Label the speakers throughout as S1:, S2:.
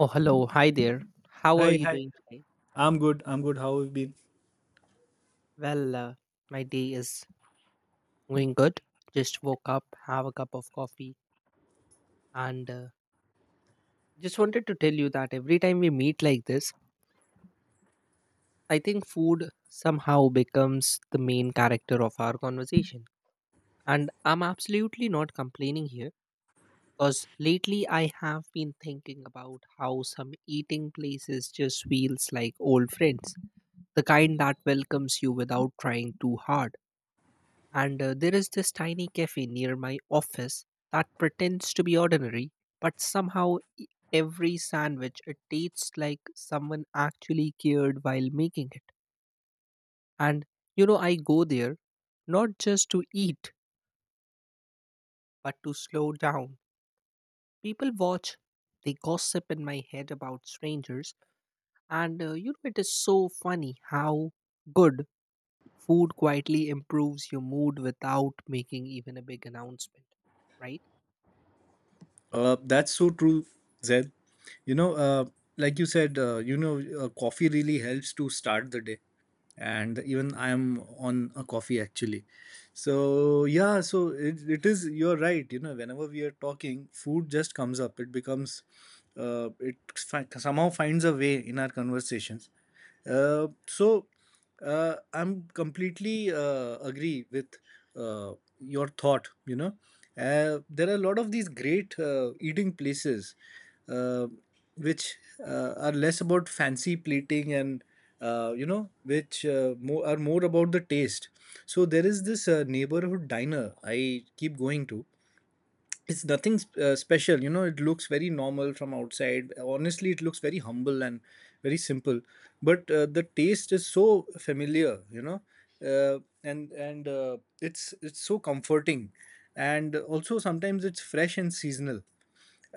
S1: Oh, hello. Hi there. How
S2: Hi,
S1: are you
S2: hi.
S1: doing today?
S2: I'm good. I'm good. How have you been?
S1: Well, my day is going good. Just woke up, have a cup of coffee, and just wanted to tell you that every time we meet like this, I think food somehow becomes the main character of our conversation. And I'm absolutely not complaining here because lately I have been thinking about how some eating places just feels like old friends, the kind that welcomes you without trying too hard. And there is this tiny cafe near my office that pretends to be ordinary, but somehow every sandwich it tastes like someone actually cared while making it. And you know, I go there not just to eat, but to slow down. People watch, they gossip in my head about strangers, and it is so funny how good food quietly improves your mood without making even a big announcement, right?
S2: That's so true, Zed. You know, uh, like you said, coffee really helps to start the day. And even I am on a coffee actually. So, yeah, so it is, you're right. You know, whenever we are talking, food just comes up. It becomes, somehow finds a way in our conversations. Uh, so, I'm completely agree with uh, your thought, you know. There are a lot of these great eating places, uh, which are less about fancy plating and, are more about the taste. So there is this neighborhood diner I keep going to. It's nothing special, you know. It looks very normal from outside. Honestly, it looks very humble and very simple. But the taste is so familiar, you know. And It's so comforting, and also sometimes it's fresh and seasonal.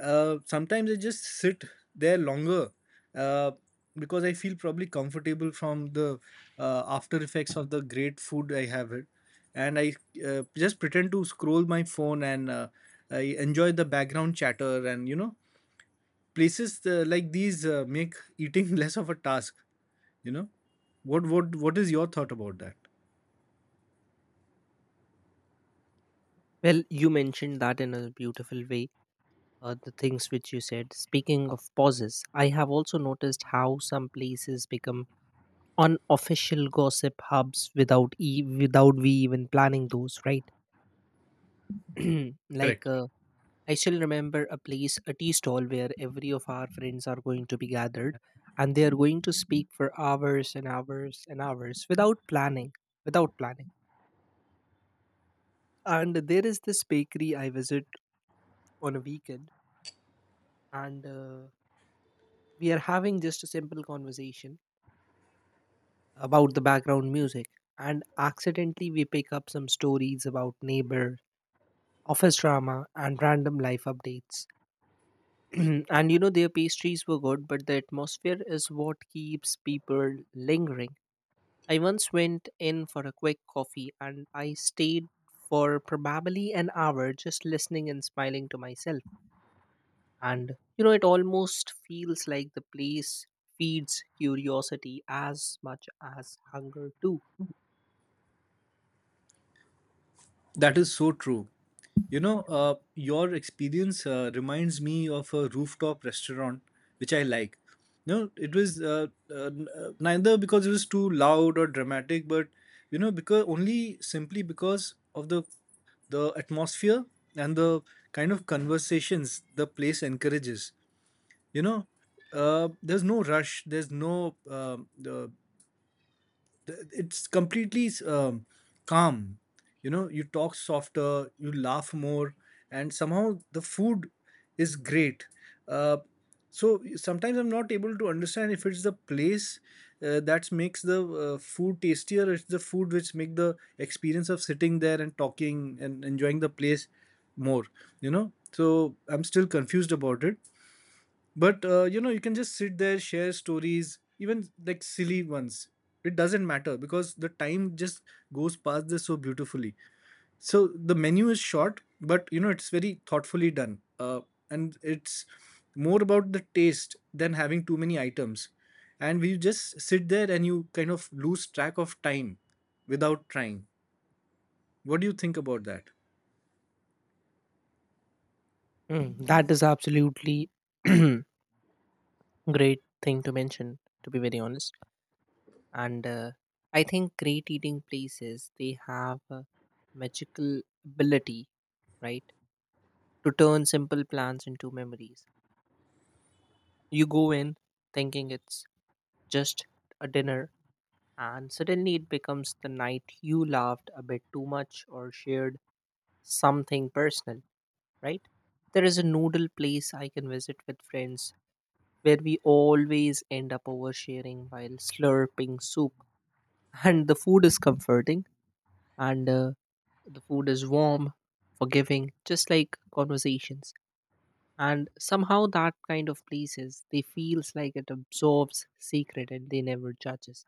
S2: Sometimes I just sit there longer uh, because I feel probably comfortable from the after effects of the great food I have it. And I just pretend to scroll my phone, and I enjoy the background chatter. And you know, places like these make eating less of a task, you know. What what is your thought about that?
S1: Well, you mentioned that in a beautiful way, the things which you said. Speaking of pauses, I have also noticed how some places become unofficial gossip hubs without without we even planning those, right? like
S2: Correct.
S1: uh, I still remember a place, a tea stall where every of our friends are going to be gathered, and they are going to speak for hours and hours and hours without planning, without planning. And there is this bakery I visit on a weekend, and we are having just a simple conversation about the background music and accidentally we pick up some stories about neighbor office drama and random life updates. And you know their pastries were good but the atmosphere is what keeps people lingering. I once went in for a quick coffee and I stayed for probably an hour just listening and smiling to myself. And you know it almost feels like the place feeds curiosity as much as hunger too.
S2: That is so true. You know, your experience reminds me of a rooftop restaurant which I like. No, it was neither because it was too loud or dramatic, but you know, because only simply because of the atmosphere and the kind of conversations the place encourages. You know, there's no rush. There's no it's completely calm. You know, you talk softer, you laugh more, and somehow the food is great. uh, so sometimes I'm not able to understand if it's the place that makes the food tastier, or it's the food which make the experience of sitting there and talking and enjoying the place more, you know. So I'm still confused about it. But you know, you can just sit there, share stories, even like silly ones. It doesn't matter because the time just goes past this so beautifully. So the menu is short, but you know, it's very thoughtfully done. And it's more about the taste than having too many items. And we just sit there, and you kind of lose track of time without trying. What do you think about that?
S1: Mm, that is absolutely great thing to mention to be very honest. And I think great eating places they have a magical ability, right, to turn simple plans into memories. You go in thinking it's just a dinner and suddenly it becomes the night you laughed a bit too much or shared something personal, right? There is a noodle place I can visit with friends where we always end up oversharing while slurping soup. And the food is comforting and the food is warm, forgiving, just like conversations. And somehow that kind of places, they feels like it absorbs secret and they never judges.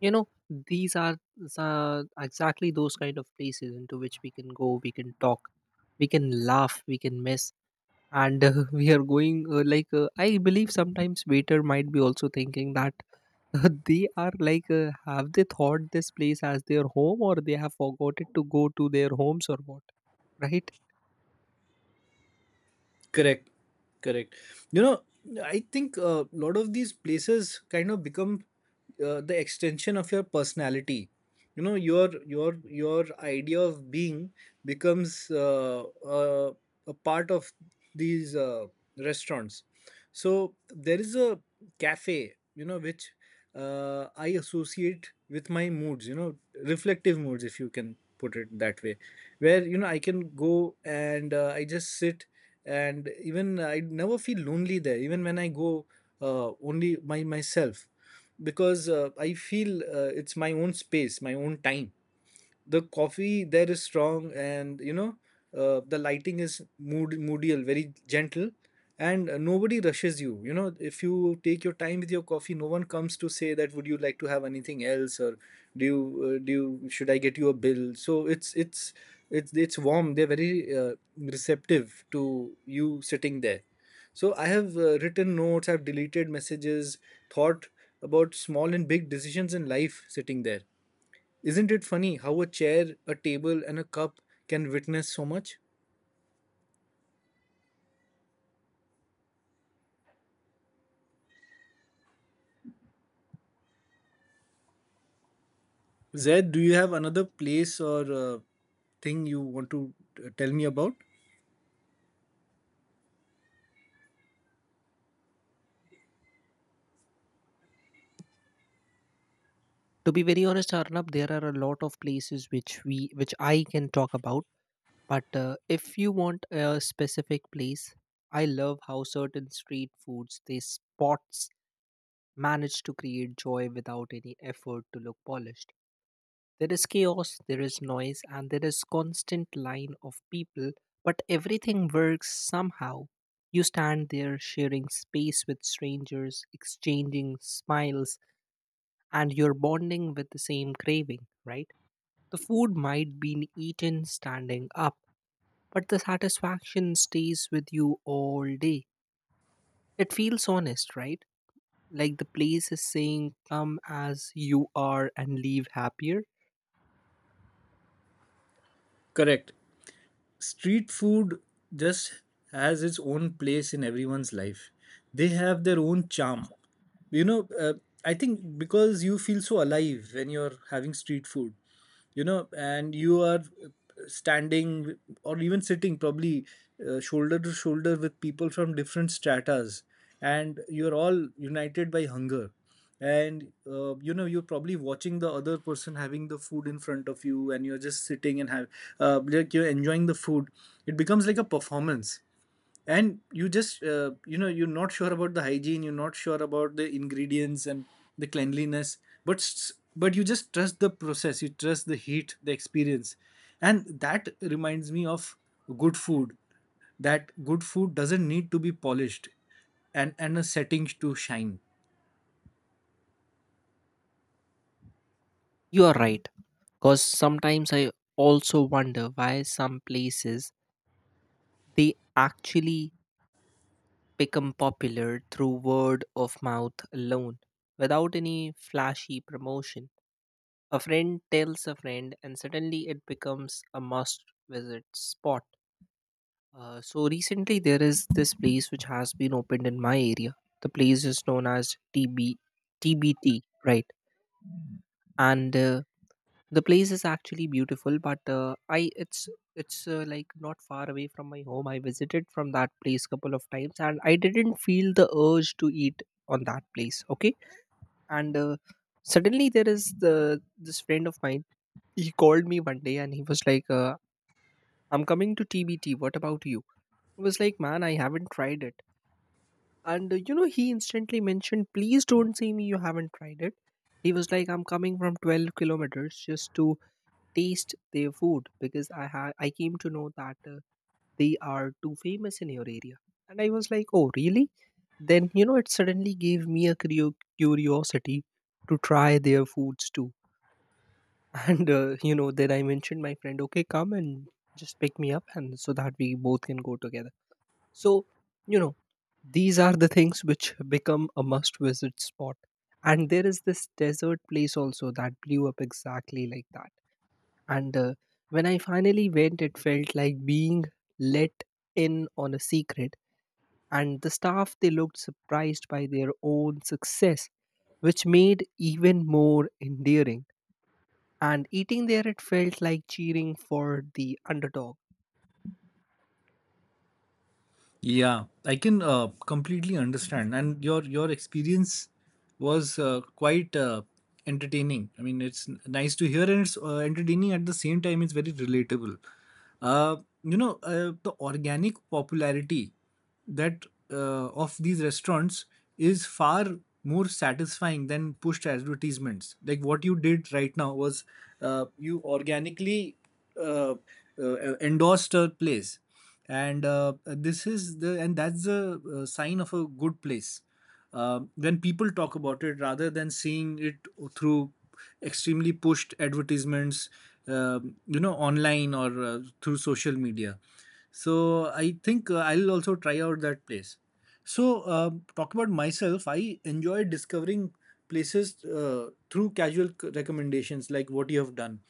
S1: You know, these are exactly those kind of places into which we can go, we can talk, we can laugh, we can miss and we are going like I believe sometimes waiter might be also thinking that they are like have they thought this place as their home or they have forgotten to go to their homes or what, right?
S2: Correct, correct. You know, I think a lot of these places kind of become the extension of your personality. You know, your idea of being becomes a part of these restaurants. So there is a cafe, you know, which I associate with my moods, you know, reflective moods, if you can put it that way, where, you know, I can go, and I just sit, and even I never feel lonely there, even when I go only by myself, because I feel it's my own space, my own time. The coffee there is strong, and you know, the lighting is mood moodial, very gentle. And nobody rushes you. You know, if you take your time with your coffee, no one comes to say that would you like to have anything else, or do you uh, do should I get you a bill. So it's warm. They're very receptive to you sitting there. So I have written notes, I've deleted messages, thought about small and big decisions in life sitting there. Isn't it funny how a chair, a table, and a cup can witness so much? Zed, do you have another place or thing you want to tell me about?
S1: To be very honest, Arnab, there are a lot of places which I can talk about. But if you want a specific place, I love how certain street foods, they spots manage to create joy without any effort to look polished. There is chaos, there is noise, and there is constant line of people, but everything works somehow. You stand there sharing space with strangers, exchanging smiles, and you're bonding with the same craving, right? The food might be eaten standing up, but the satisfaction stays with you all day. It feels honest, right? Like the place is saying, come as you are and leave happier.
S2: Correct. Street food just has its own place in everyone's life. They have their own charm. You know, I think because you feel so alive when you're having street food, you know, and you are standing or even sitting probably shoulder to shoulder with people from different stratas, and you're all united by hunger. And you know, you're probably watching the other person having the food in front of you, and you're just sitting and have like you're enjoying the food. It becomes like a performance. And you just you know, you're not sure about the hygiene, you're not sure about the ingredients and the cleanliness, but you just trust the process, you trust the heat, the experience. And that reminds me of good food, that good food doesn't need to be polished and a setting to shine.
S1: You are right, because sometimes I also wonder why some places they actually become popular through word of mouth alone without any flashy promotion. A friend tells a friend, and suddenly it becomes a must visit spot. So, recently, there is this place which has been opened in my area. The place is known as T B T, right? And the place is actually beautiful but I it's like not far away from my home. I visited from that place couple of times and I didn't feel the urge to eat on that place, okay. And suddenly there is the this friend of mine. He called me one day and he was like I'm coming to tbt, what about you? I was like, man, I haven't tried it. And you know he instantly mentioned please don't say me you haven't tried it. He was like I'm coming from 12 kilometers just to taste their food because I came to know that they are too famous in your area, and I was like, oh really? Then you know it suddenly gave me a curiosity to try their foods too. And you know then I mentioned my friend, okay, come and just pick me up, and so that we both can go together. So you know these are the things which become a must visit spot. And there is this desert place also that blew up exactly like that. And when I finally went, it felt like being let in on a secret. And the staff, they looked surprised by their own success, which made even more endearing. And eating there, it felt like cheering for the underdog.
S2: Yeah, I can completely understand, and your experience was quite entertaining. I mean, it's nice to hear, and it's entertaining at the same time. It's very relatable. Uh, the organic popularity that of these restaurants is far more satisfying than pushed advertisements. Like what you did right now was you organically uh, endorsed a place, and this is the and that's the sign of a good place. When people talk about it rather than seeing it through extremely pushed advertisements, you know, online or through social media. So I think I'll also try out that place. So talk about myself. I enjoy discovering places through casual recommendations, like what you have done.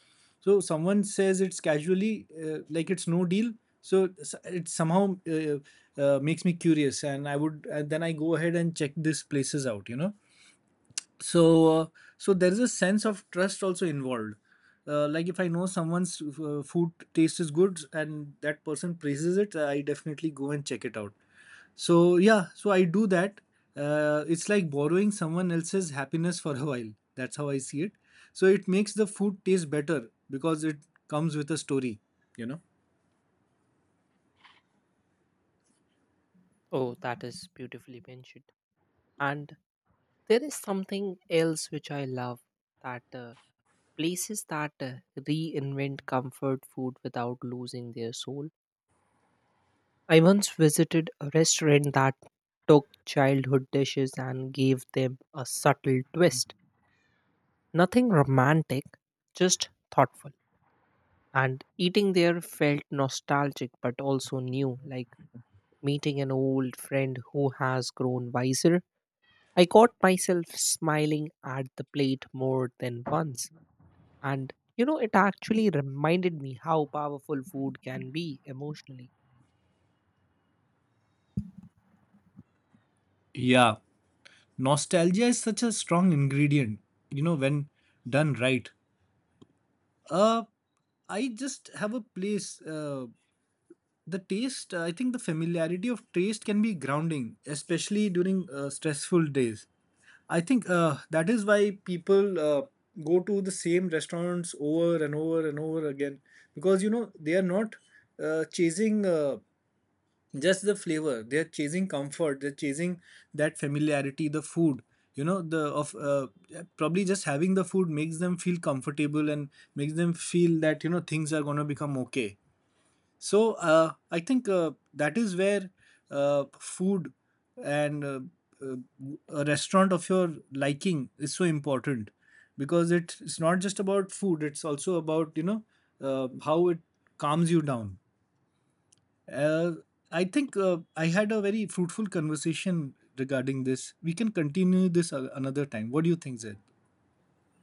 S2: So someone says it's casually, like it's no deal. It somehow makes me curious, and then I go ahead and check these places out. You know, so so there is a sense of trust also involved, like if I know someone's food taste is good and that person praises it, I definitely go and check it out. So yeah, so I do that. It's like borrowing someone else's happiness for a while. That's how I see it. So it makes the food taste better because it comes with a story, you know.
S1: Oh, that is beautifully mentioned. And there is something else which I love, that places that reinvent comfort food without losing their soul. I once visited a restaurant that took childhood dishes and gave them a subtle twist. Nothing romantic, just thoughtful. And eating there felt nostalgic but also new, like meeting an old friend who has grown wiser. I caught myself smiling at the plate more than once. And you know, it actually reminded me how powerful food can be emotionally.
S2: Yeah, nostalgia is such a strong ingredient, you know, when done right. Uh, I just have a place. The taste, I think the familiarity of taste can be grounding, especially during stressful days. I think that is why people go to the same restaurants over and over and over again, because you know they are not chasing. Just the flavor, they're chasing comfort, they're chasing that familiarity, the food, you know, the of probably just having the food makes them feel comfortable and makes them feel that you know things are going to become okay. So I think that is where food and uh, a restaurant of your liking is so important, because it's not just about food, it's also about you know how it calms you down. uh, I think I had a very fruitful conversation regarding this. We can continue this another time. What do you think, Zed?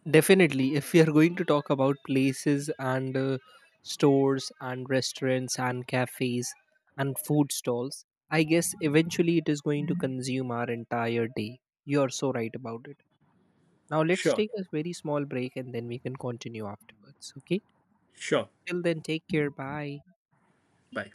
S1: Definitely, if we are going to talk about places and stores and restaurants and cafes and food stalls, I guess eventually it is going to consume our entire day. You are so right about it. Now, let's
S2: Sure,
S1: take a very small break and then we can continue afterwards. Okay?
S2: sure.
S1: Till then, take care. Bye.
S2: Bye.